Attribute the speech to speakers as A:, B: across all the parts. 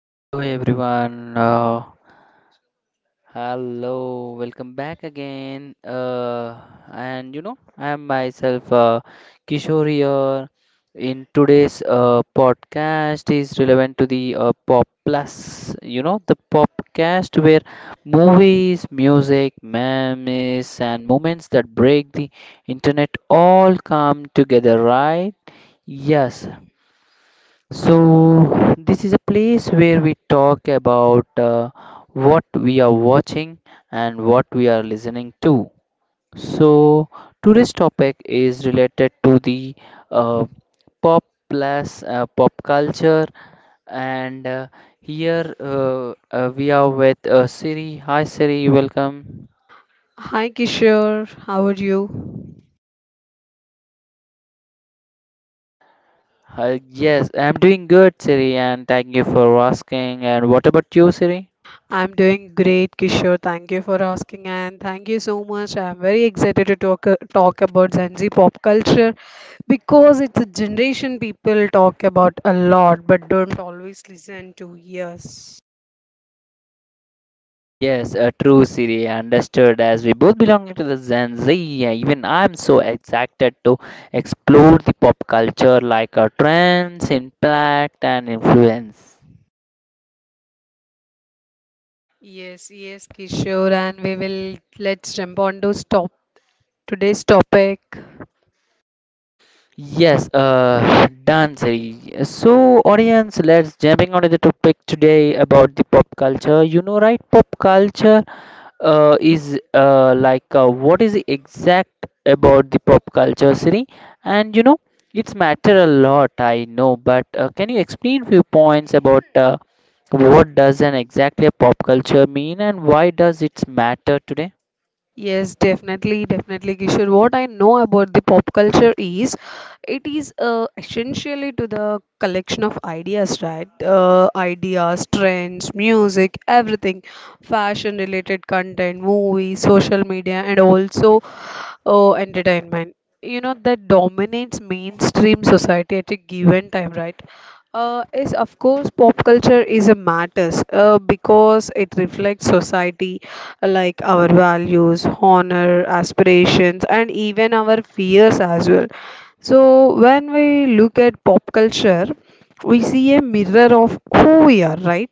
A: Hello everyone. Hello, welcome back again. And I am myself Kishore here. In today's podcast is relevant to the pop plus. The podcast where movies, music, memes, and moments that break the internet all come together, right? Yes, so, this is a place where we talk about what we are watching and what we are listening to. So, today's topic is related to the uh, pop pop culture, and here we are with Siri. Hi, Siri, welcome.
B: Hi Kishore, how are you?
A: Hi, yes, I'm doing good, Siri, and thank you for asking. And what about you, Siri?
B: I'm doing great, Kishore. Thank you for asking, and thank you so much. I'm very excited to talk about Gen Z pop culture because it's a generation people talk about a lot, but don't always listen to. Yes,
A: Yes, true, Siri. Understood. As we both belong to the Gen Z, even I'm so excited to explore the pop culture like trends, impact, and influence.
B: yes, Kishore, and we will let's jump on to stop today's topic.
A: Yes, done, Siri. So, audience, let's jumping onto the topic today about the pop culture. You know, right? Pop culture is like what is exact about the pop culture, Siri, and you know it's matter a lot, I know, but can you explain few points about what does an exactly a pop culture mean and why does it matter today?
B: Yes, definitely, Kishore. What I know about the pop culture is it is essentially to the collection of ideas, right? Ideas, trends, music, everything, fashion related content, movies, social media, and also oh, entertainment. You know, that dominates mainstream society at a given time, right? Is of course pop culture is a matters because it reflects society like our values, honor, aspirations, and even our fears as well. So when we look at pop culture, we see a mirror of who we are, right?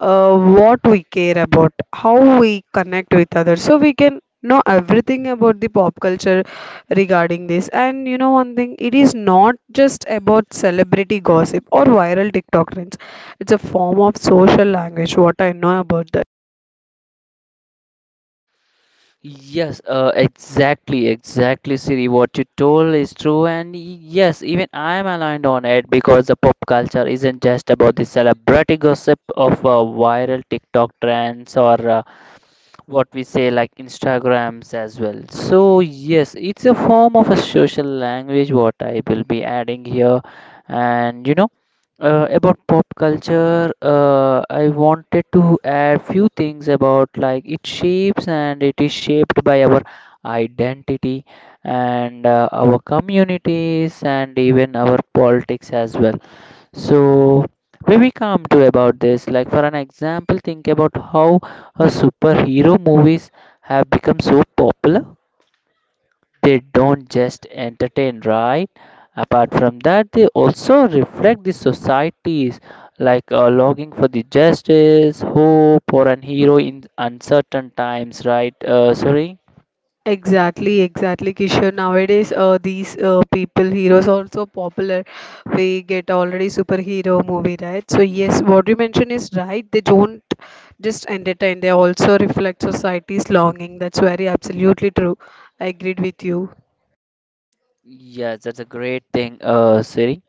B: What we care about, how we connect with others. So we can know everything about the pop culture regarding this. And you know, one thing, it is not just about celebrity gossip or viral TikTok trends, it's a form of social language, what I know about that.
A: Yes, exactly, exactly, Siri. What you told is true, and yes, even I am aligned on it because the pop culture isn't just about the celebrity gossip of viral TikTok trends or what we say like instagrams as well, so yes, it's a form of a social language, what I will be adding here. And about pop culture, I wanted to add few things about, like, it shapes and it is shaped by our identity and our communities and even our politics as well. So when we come to about this, like for an example, think about how a superhero movies have become so popular. They don't just entertain, right? Apart from that, they also reflect the societies, like longing for the justice, hope, or an hero in uncertain times, right? Sorry.
B: Exactly, Kishore. Nowadays, these people, heroes, also popular. We get already superhero movie, right? So yes, what you mentioned is right. They don't just entertain; they also reflect society's longing. That's very absolutely true. I agreed with you.
A: Yes, that's a great thing, Siri.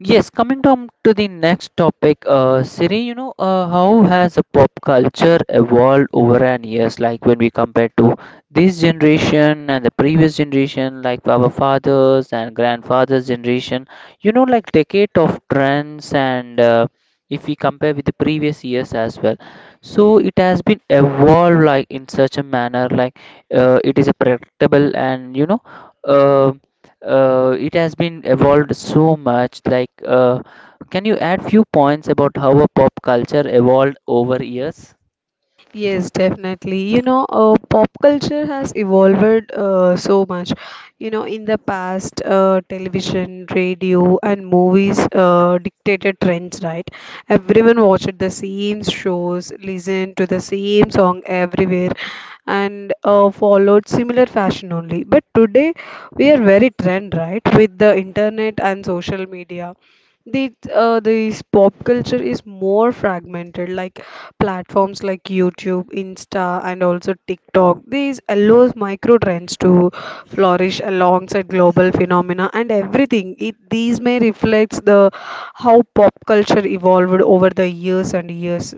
A: Yes, coming down to the next topic, Siri, how has a pop culture evolved over an years? Like when we compare to this generation and the previous generation, like our fathers and grandfathers' generation, like decade of trends and if we compare with the previous years as well. So it has been evolved like in such a manner, like it is a predictable and. Uh, it has been evolved so much. Like, can you add few points about how a pop culture evolved over years?
B: Yes, definitely. You know, pop culture has evolved so much. You know, in the past, television, radio, and movies dictated trends, right? Everyone watched the same shows, listened to the same song everywhere, and followed similar fashion only. But today, we are very trend, right? With the internet and social media the this pop culture is more fragmented, like platforms like YouTube, Insta, and also TikTok. These allows micro trends to flourish alongside global phenomena and everything. These may reflect the how pop culture evolved over the years and years.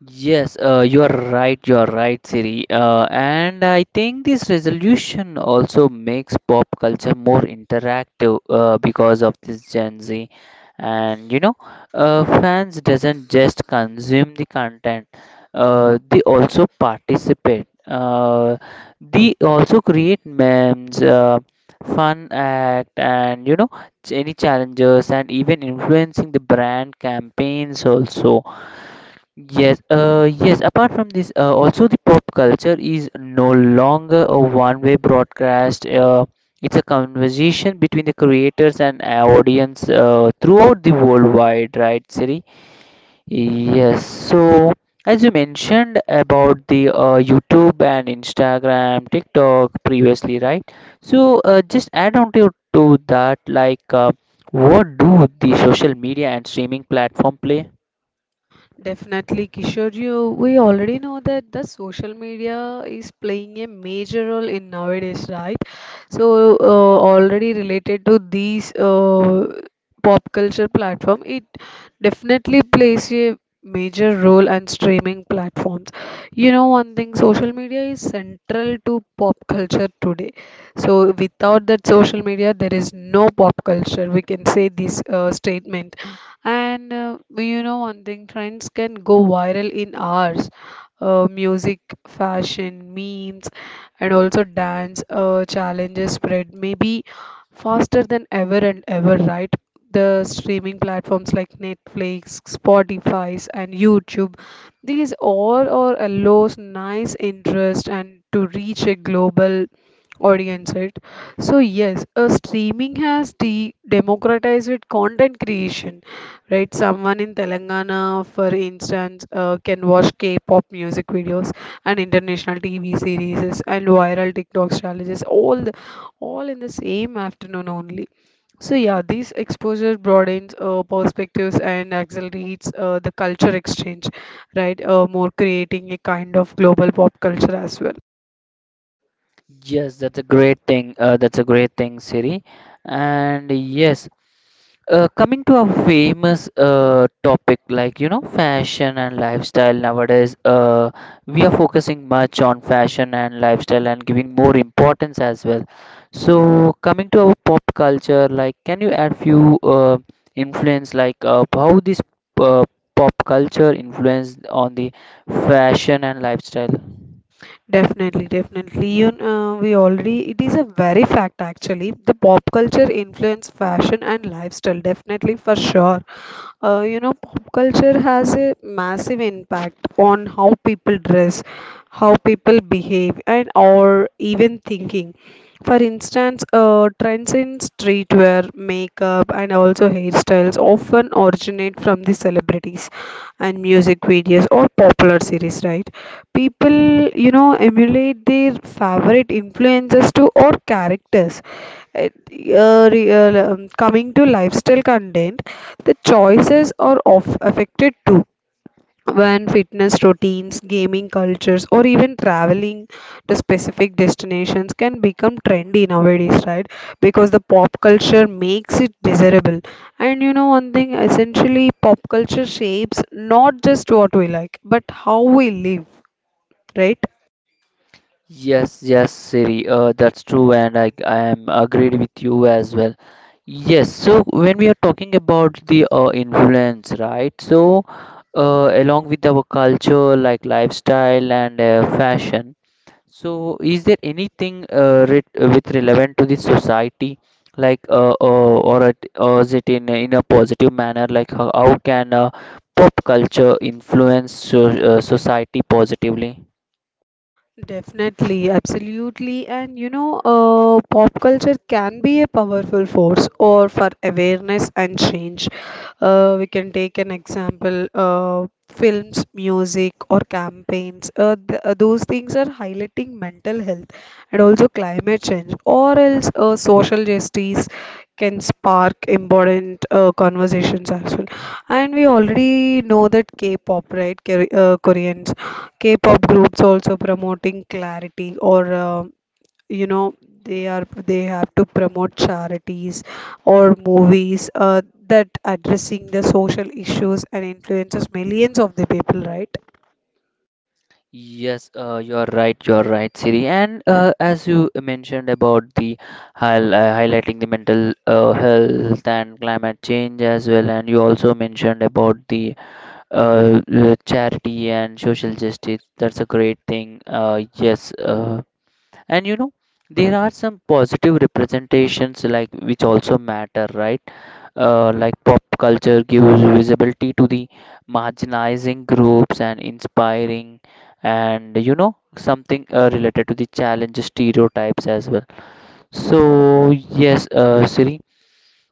A: Yes, you are right. You are right, Siri. And I think this resolution also makes pop culture more interactive because of this Gen Z. And you know, fans doesn't just consume the content; they also participate. They also create memes, fun act, and any challenges, and even influencing the brand campaigns also. Yes, yes. Apart from this, also the pop culture is no longer a one-way broadcast. It's a conversation between the creators and audience throughout the worldwide, right, Siri? Yes. So, as you mentioned about the YouTube and Instagram, TikTok previously, right? So, just add on to that, like, what do the social media and streaming platform play?
B: Definitely, Kishore, you we already know that the social media is playing a major role in nowadays, right? So, already related to these pop culture platform, it definitely plays a major role and streaming platforms. You know, one thing, social media is central to pop culture today. So, without that social media, there is no pop culture. We can say this statement. And you know, one thing trends can go viral in hours. Music, fashion, memes, and also dance challenges spread maybe faster than ever and ever, right? The streaming platforms like Netflix, Spotify's, and YouTube, these all are allows nice interest and to reach a global audience, right? So yes, streaming has de democratized content creation, right? Someone in Telangana, for instance, can watch K-pop music videos and international TV series and viral TikTok strategies, all in the same afternoon only. So yeah, this exposure broadens perspectives and accelerates the culture exchange, right? More creating a kind of global pop culture as well.
A: Yes, that's a great thing. That's a great thing, Siri. And yes, coming to a famous topic like fashion and lifestyle nowadays, we are focusing much on fashion and lifestyle and giving more importance as well. So coming to our pop culture, like can you add few influence like how this uh, pop culture influence on the fashion and lifestyle?
B: Definitely. You know, it is a very fact actually. The pop culture influence fashion and lifestyle, definitely for sure. You know, pop culture has a massive impact on how people dress, how people behave and or even thinking. For instance, trends in streetwear, makeup and also hairstyles often originate from the celebrities and music videos or popular series, right? People, you know, emulate their favorite influencers to or characters. it, Coming to lifestyle content, the choices are of affected too. When fitness routines, gaming cultures, or even traveling to specific destinations can become trendy nowadays, right? Because the pop culture makes it desirable. And you know, one thing essentially, pop culture shapes not just what we like, but how we live, right?
A: Yes, yes, Siri, that's true, and I am agreed with you as well. Yes, so when we are talking about the influence, right? So, along with our culture, like lifestyle and fashion, so is there anything re with relevant to the society, like or, or is it in in a positive manner? Like how can pop culture influence so, society positively?
B: Definitely, absolutely. And you know, pop culture can be a powerful force or for awareness and change. We can take an example, films, music, or campaigns. Th Those things are highlighting mental health and also climate change, or else social justice can spark important conversations as well. And we already know that K-pop, right? Korean K-pop groups also promoting clarity or you know, they are they have to promote charities or movies that addressing the social issues and influences millions of the people, right?
A: Yes, you're right. You're right, Siri. And as you mentioned about the high, uh, highlighting the mental health and climate change as well, and you also mentioned about the charity and social justice. That's a great thing. Yes, and you know there are some positive representations like which also matter, right? Like pop culture gives visibility to the marginalizing groups and inspiring and you know something related to the challenge stereotypes as well. So yes, Siri,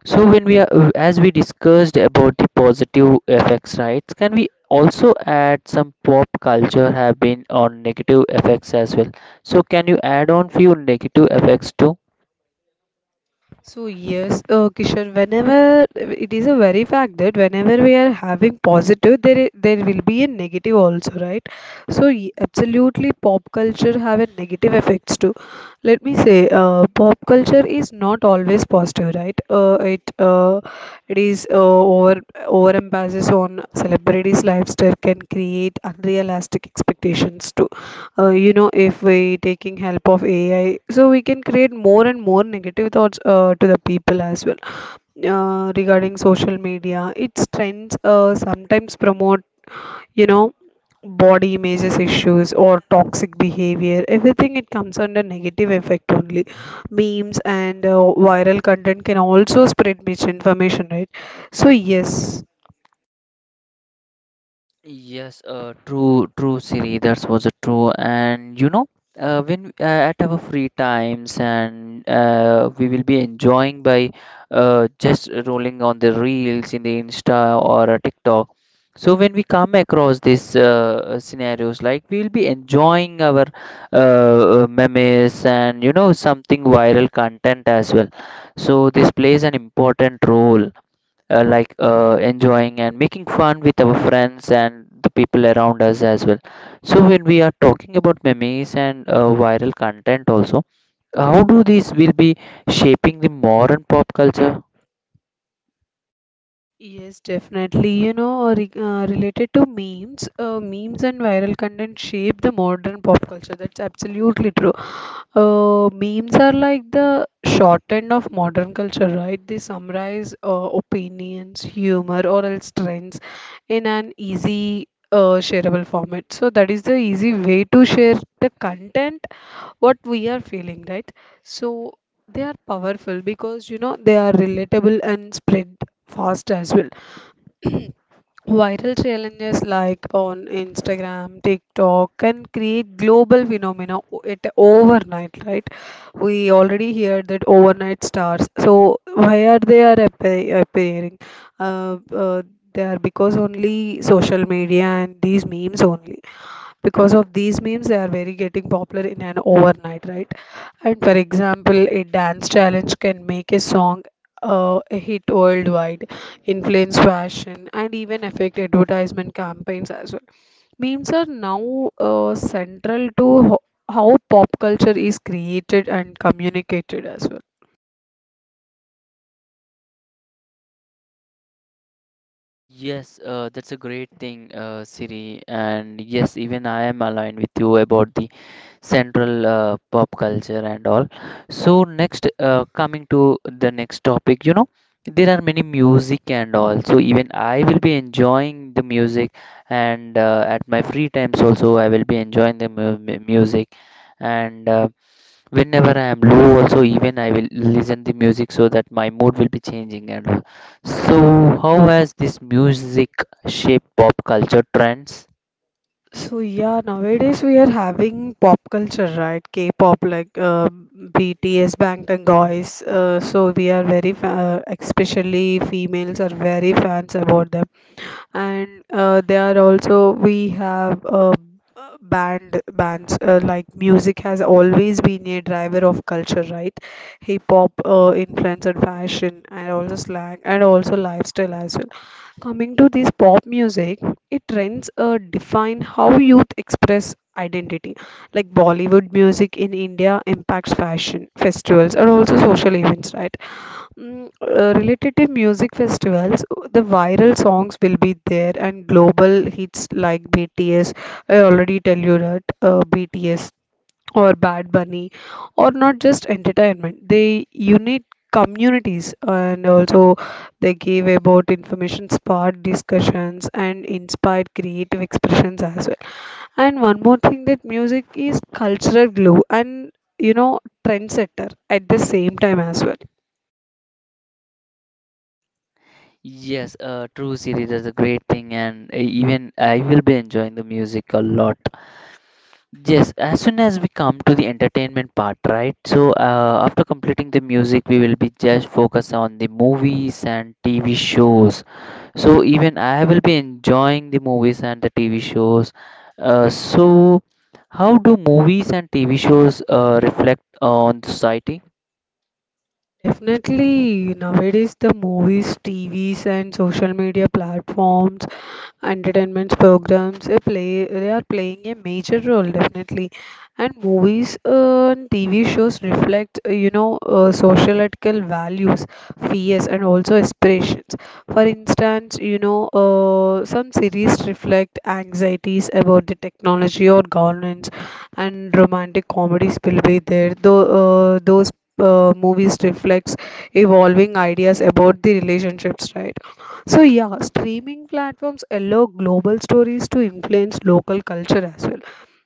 A: so when we are as we discussed about the positive effects, right, can we also add some pop culture have been on negative effects as well, so can you add on few negative effects too?
B: So yes, Kishore, whenever it is a very fact that whenever we are having positive, there will be a negative also, right? Absolutely, pop culture have a negative effects too. Let me say, pop culture is not always positive, right? It is over emphasis on celebrities' lifestyle can create unrealistic expectations too. You know, if we taking help of AI, so we can create more and more negative thoughts to the people as well. Regarding social media, its trends sometimes promote, you know, body images issues or toxic behavior, everything it comes under negative effect only. Memes and viral content can also spread misinformation, right? So yes.
A: Yes, true, true, Siri. That was a true. And you know, when at our free times, and we will be enjoying by just rolling on the reels in the Insta or a TikTok. So when we come across these scenarios, like we will be enjoying our uh, memes and you know something viral content as well. So this plays an important role like enjoying and making fun with our friends and the people around us as well. So when we are talking about memes and viral content also, how do these will be shaping the modern pop culture?
B: Yes, definitely. You know, re related to memes, memes and viral content shape the modern pop culture. That's absolutely true. Memes are like the short end of modern culture, right? They summarize opinions, humor, or else trends in an easy, shareable format. So that is the easy way to share the content, what we are feeling, right? So they are powerful because you know they are relatable and spread fast as well. Viral challenges like on Instagram, TikTok can create global phenomena it overnight, right? We already heard that overnight stars. So why are they are appearing? Uh, uh, they are because only social media and these memes only. Because of these memes they are very getting popular in an overnight, right? And for example a dance challenge can make a song a hit worldwide, influence fashion and even affect advertisement campaigns as well. Memes are now central to how pop culture is created and communicated as well.
A: Yes, that's a great thing, Siri. And yes, even I am aligned with you about the central pop culture and all. So next, coming to the next topic, there are many music and all. So even I will be enjoying the music, and at my free times also I will be enjoying the music, and whenever I am low also even I will listen the music so that my mood will be changing and all. So how has this music shaped pop culture trends?
B: So yeah, nowadays we are having pop culture, right? K-pop like BTS, Bangtan Boys. So we are very fa- especially females are very fans about them, and they are also we have band bands, like music has always been a driver of culture, right? Hip hop influence and fashion and also slang and also lifestyle as well. Coming to this pop music, it trends define how youth express identity, like Bollywood music in India impacts fashion, festivals and also social events, right? Mm, related to music festivals, the viral songs will be there, and global hits like BTS. I already tell you that BTS or Bad Bunny, or not just entertainment. They unite communities, and also they give about information, spark discussions, and inspired creative expressions as well. And one more thing that music is cultural glue, and you know trendsetter at the same time as well.
A: Yes, true series is a great thing and even I will be enjoying the music a lot. Yes, as soon as we come to the entertainment part, right? So, after completing the music, we will be just focus on the movies and TV shows. So, even I will be enjoying the movies and the TV shows. So, how do movies and TV shows reflect on society?
B: Definitely, nowadays the movies, TVs, and social media platforms entertainment programs they are playing a major role definitely. And movies and TV shows reflect you know societal values, fears and also aspirations. For instance, you know, some series reflect anxieties about the technology or governance, and romantic comedies will be there though, those movies reflects evolving ideas about the relationships, right? So yeah, streaming platforms allow global stories to influence local culture as well.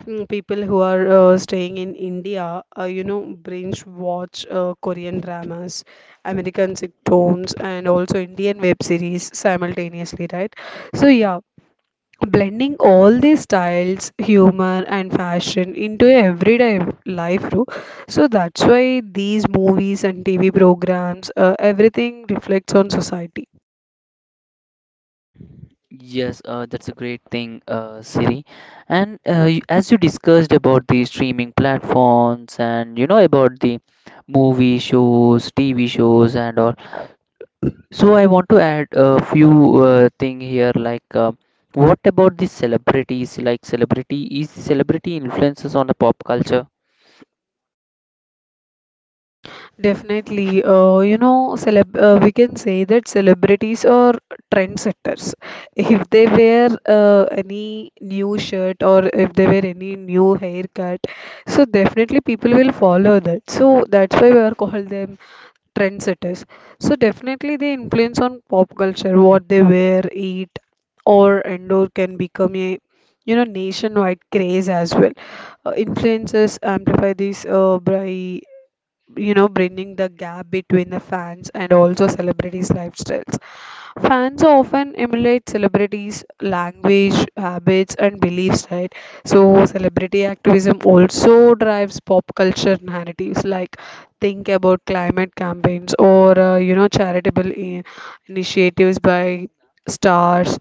B: Mm, people who are staying in India, you know, binge watch Korean dramas, American sitcoms, and also Indian web series simultaneously, right? So yeah, blending all these styles, humor, and fashion into everyday life too. So that's why these movies and TV programs, everything reflects on society.
A: Yes, that's a great thing, Siri. And as you discussed about the streaming platforms and about the movie shows, TV shows, and all, so I want to add a few thing here. Like, what about the celebrities? Like, celebrity influences on the pop culture?
B: Definitely, you know, celeb we can say that celebrities are trendsetters. If they wear any new shirt or if they wear any new haircut, so definitely people will follow that. So that's why we are called them trendsetters. So definitely they influence on pop culture, what they wear, eat, or endure can become a, you know, nationwide craze as well. Influences amplify this by, you know, bridging the gap between the fans and also celebrities lifestyles. Fans often emulate celebrities language, habits and beliefs, right? So celebrity activism also drives pop culture narratives, like think about climate campaigns or you know charitable initiatives by stars.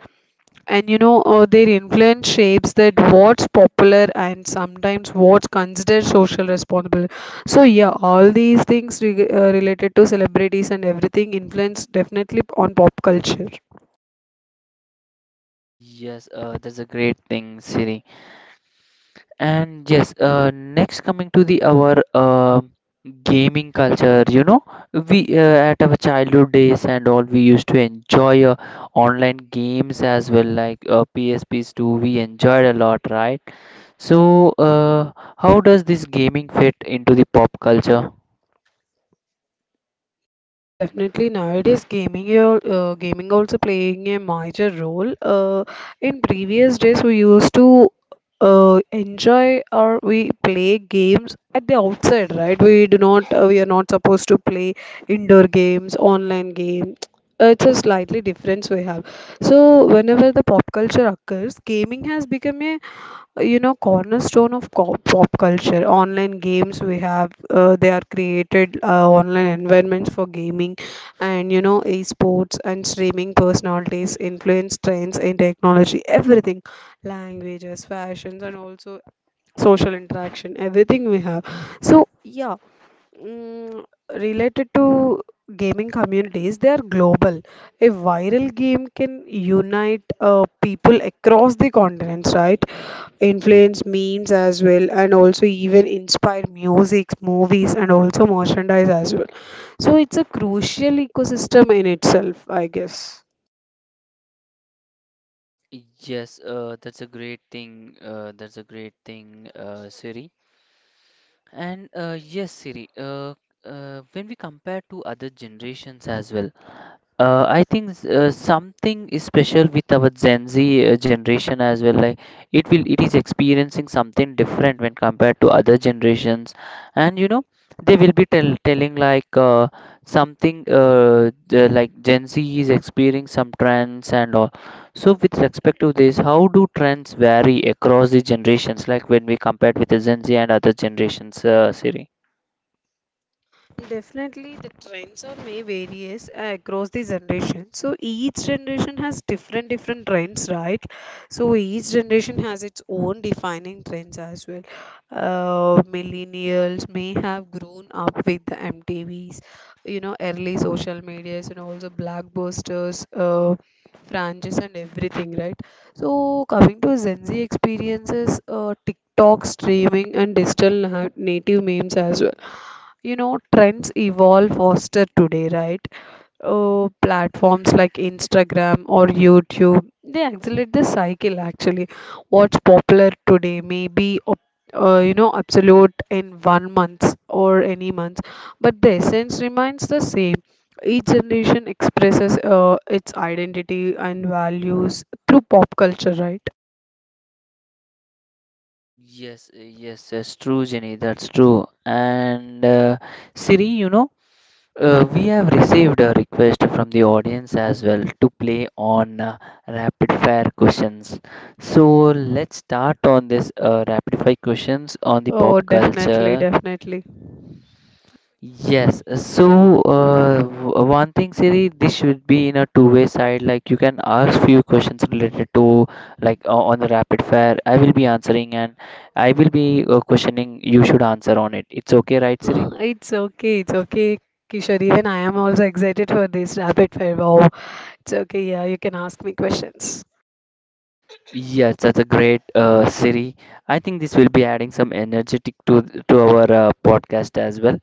B: And you know, their influence shapes that what's popular and sometimes what's considered social responsible. So yeah, all these things related to celebrities and everything influence definitely on pop culture.
A: Yes, that's a great thing, Siri. And yes, next coming to the our gaming culture, we at our childhood days and all, we used to enjoy online games as well, like PSPs too. We enjoyed a lot, right? So, how does this gaming fit into the pop culture?
B: Yes, definitely. Nowadays, gaming also playing a major role. In previous days, we used to enjoy or we play games at the outside, right? We do not, we are not supposed to play indoor games, online games. It's a slightly difference we have. So whenever the pop culture occurs, gaming has become a cornerstone of pop culture. Online games we have, they are created online environments for gaming, and esports and streaming personalities influence trends in technology, everything, languages, fashions, and also social interaction, everything we have. So yeah. mm, Related to gaming communities, they are global. A viral game can unite people across the continents, right? Influence memes as well, and also even inspire music, movies, and also merchandise as well. So it's a crucial ecosystem in itself, I guess.
A: Yes, that's a great thing. That's a great thing, Siri. And yes, Siri. When we compare to other generations as well. I think something is special with our Gen Z generation as well. Like it is experiencing something different when compared to other generations, and they will be telling like something like Gen Z is experiencing some trends and all. So with respect to this, how do trends vary across the generations? Like when we compared with the Gen Z and other generations, Siri?
B: Definitely, the trends are may varies across the generation. So each generation has different trends, right? So each generation has its own defining trends as well. Millennials may have grown up with the MTVs, you know, early social medias and also blockbusters, franchises and everything, right? So coming to Gen Z experiences, TikTok streaming and digital native memes as well. You know, trends evolve faster today, right? Oh, platforms like Instagram or YouTube, they accelerate the cycle actually. What's popular today may be absolute in one month or any month, but the essence remains the same. Each generation expresses its identity and values through pop culture, right?
A: Yes, yes, that's true, Jenny. That's true. And Siri, we have received a request from the audience as well to play on rapid fire questions. So let's start on this rapid fire questions on the
B: Oh,
A: pop
B: definitely,
A: culture.
B: definitely.
A: Yes, so one thing, Siri, this should be in a two-way side. Like you can ask few questions related to, like on the rapid fire. I will be answering, and I will be questioning. You should answer on it. It's okay, right, Siri?
B: It's okay, Kishore. Even I am also excited for this rapid fire. Wow, it's okay. Yeah, you can ask me questions.
A: Yes, that's a great Siri. I think this will be adding some energetic to our podcast as well.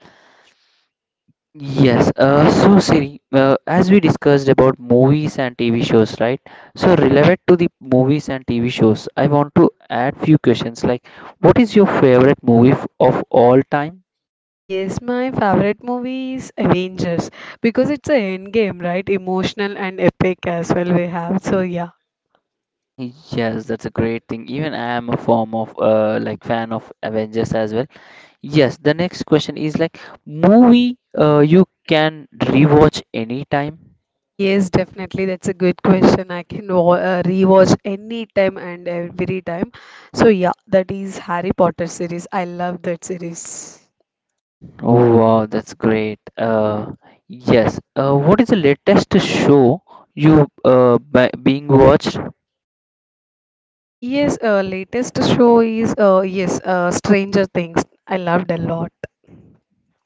A: Yes, so Siri, as we discussed about movies and TV shows, right? So relevant to the movies and TV shows, I want to add few questions like, what is your favorite movie of all time?
B: Yes, my favorite movie is Avengers because it's a end game, right? Emotional and epic as well we have. So yeah.
A: Yes, that's a great thing. Even I am a form of like fan of Avengers as well. Yes, the next question is like movie you can rewatch anytime.
B: Yes, definitely. That's a good question. I can wa rewatch any time and every time. So yeah, that is Harry Potter series. I love that series.
A: Oh wow, that's great. Yes. What is the latest show you b being watched?
B: Yes, latest show is yes, Stranger Things. I loved a lot.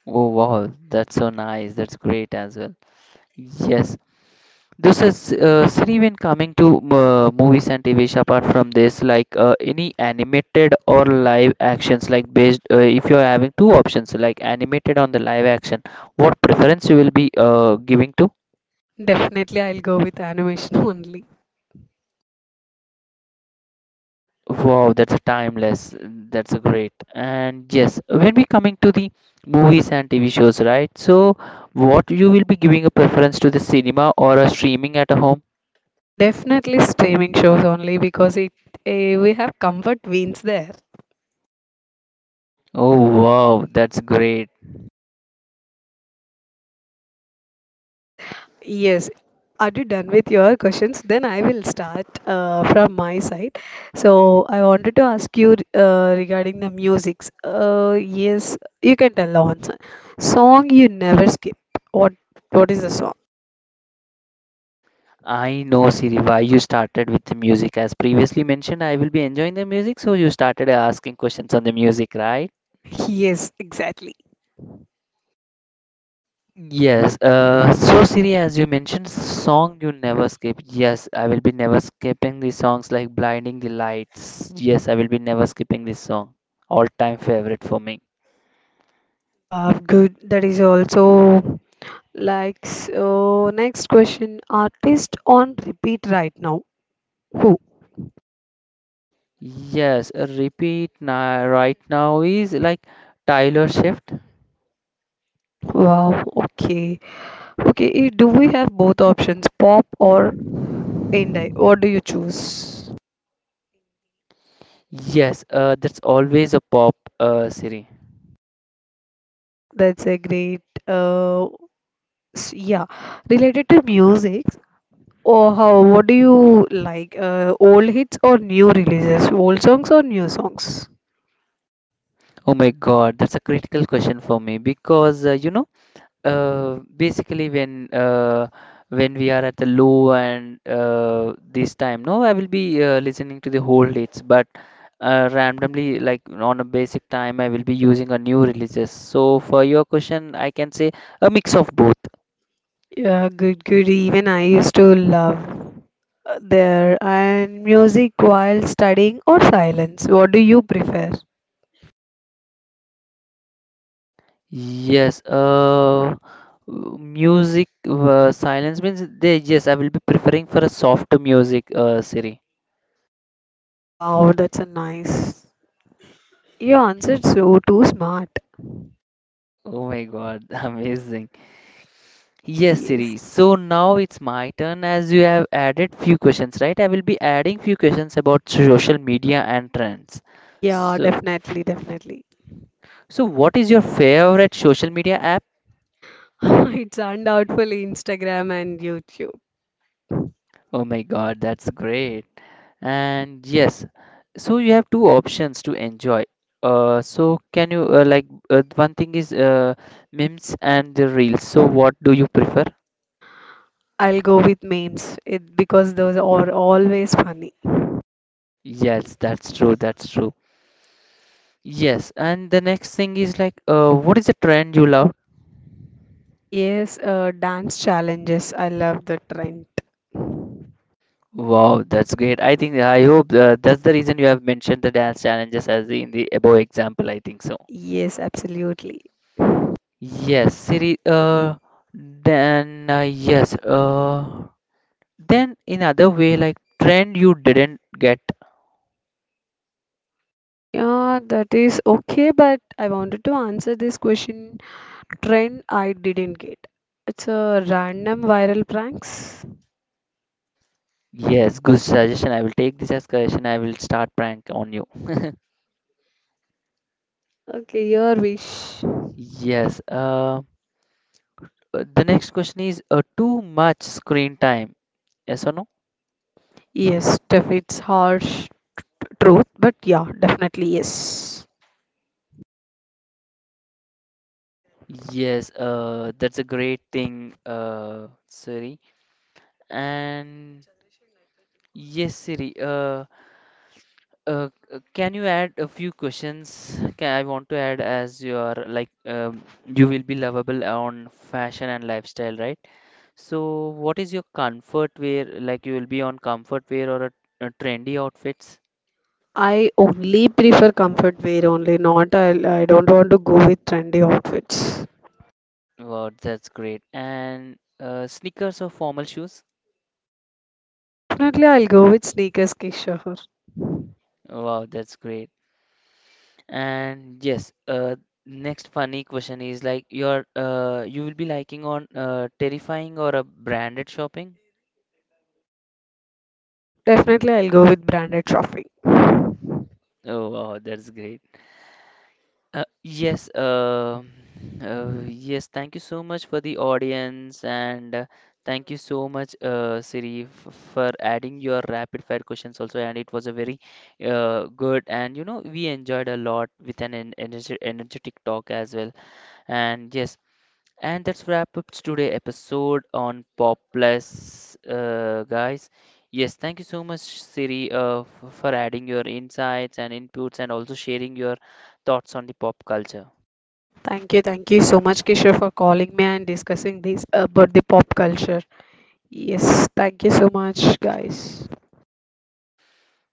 A: Oh wow, that's so nice. That's great as well. Yes. This is Sri, when coming to movies and TV show, apart from this like any animated or live actions, like based if you are having two options like animated on the live action, what preference you will be giving to?
B: Definitely, I'll go with animation only.
A: Wow, that's a timeless. That's a great. And yes, when we coming to the movies and TV shows, right? So, what you will be giving a preference to, the cinema or a streaming at a home?
B: Definitely streaming shows only because we have comfort veins there.
A: Oh, wow, that's great.
B: Yes, yes. Are you done with your questions? Then I will start from my side. So I wanted to ask you regarding the musics. Yes, you can tell the answer. Song you never skip. What what is the song?
A: I know, Siri, why you started with the music. As previously mentioned, I will be enjoying the music, so you started asking questions on the music, right?
B: Yes, exactly.
A: Yes, so Siri, as you mentioned, song you never skip. Yes, I will be never skipping the songs like Blinding the Lights. Yes, I will be never skipping this song. All time favorite for me.
B: Wow, good. That is also like so. Next question. Artist on repeat right now. Who?
A: Yes, repeat now, right now is like Tyler Swift.
B: Wow. Okay. Okay. Do we have both options, pop or indie? What do you choose?
A: Yes, that's always a pop, Siri.
B: That's a great. Uh, yeah. Related to music, or how? What do you like? Old hits or new releases? Old songs or new songs?
A: Oh my God, that's a critical question for me because you know, basically when we are at the low and this time no, I will be listening to the whole hits, but randomly like on a basic time I will be using a new releases. So for your question I can say a mix of both.
B: Yeah, good, good. Even I used to love there and music while studying or silence. What do you prefer?
A: yes uh, Music silence means they, yes, I will be preferring for a softer music, Siri.
B: Wow, that's a nice. You answered so too smart.
A: Oh my god, amazing. Yes,
B: Yes.
A: Siri. So now it's my turn. As you have added few questions, right? I will be adding few questions about social media and trends.
B: Yeah,
A: So,
B: definitely, definitely.
A: what is your favorite social media app?
B: It turned out for Instagram and YouTube.
A: Oh my God, that's great. And yes, so you have two options to enjoy. So can you one thing is, memes and the reels. So what do you prefer?
B: I'll go with memes it, because those are always funny.
A: Yes, that's true. That's true. Yes, and the next thing is like, what is the trend you love?
B: Yes, dance challenges. I love the trend.
A: Wow, that's great. I think I hope that's the reason you have mentioned the dance challenges as in the above example, I think so.
B: Yes, absolutely.
A: Yes, Siri. Then Yes. Then in other way, like trend you didn't get.
B: Yeah, that is okay, but I wanted to answer this question, trend I didn't get. It's a random viral pranks.
A: Yes, good suggestion. I will take this as suggestion. I will start prank on you.
B: Okay, your wish.
A: Yes. The next question is, too much screen time. Yes or no?
B: Yes, def it's harsh truth, but yeah, definitely yes.
A: Yes. That's a great thing, Siri. And yes, Siri. Can you add a few questions? I want to add, as you are like you will be lovable on fashion and lifestyle, right? So, what is your comfort wear? Like you will be on comfort wear or a trendy outfits?
B: I only prefer comfort wear only, not I don't want to go with trendy outfits.
A: Wow, that's great. And sneakers or formal shoes?
B: Definitely I'll go with sneakers, Kishore.
A: Wow, that's great. And yes, next funny question is like your you will be liking on terrifying or a branded shopping?
B: Definitely I'll go with branded shopping.
A: Oh, wow, that's great. Uh, yes, um yes, thank you so much for the audience, and thank you so much, Siri, f for adding your rapid fire questions also. And it was a very good, and you know, we enjoyed a lot with an en energe energetic talk as well. And yes, and that's wrap up today episode on Popless, guys. Yes, thank you so much, Siri, for adding your insights and inputs, and also sharing your thoughts on the pop culture.
B: Thank you so much, Kishore, for calling me and discussing this about the pop culture. Yes, thank you so much, guys.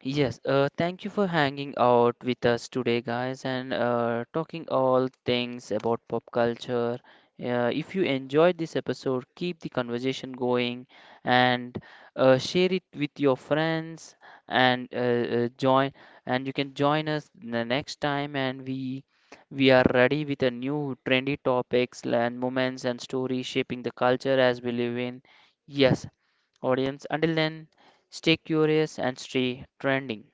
A: Yes, thank you for hanging out with us today, guys, and talking all things about pop culture. If you enjoyed this episode, keep the conversation going and share it with your friends, and join. And you can join us the next time, and we are ready with a new trendy topics and moments and stories shaping the culture as we live in. Yes audience. Until then, stay curious and stay trending.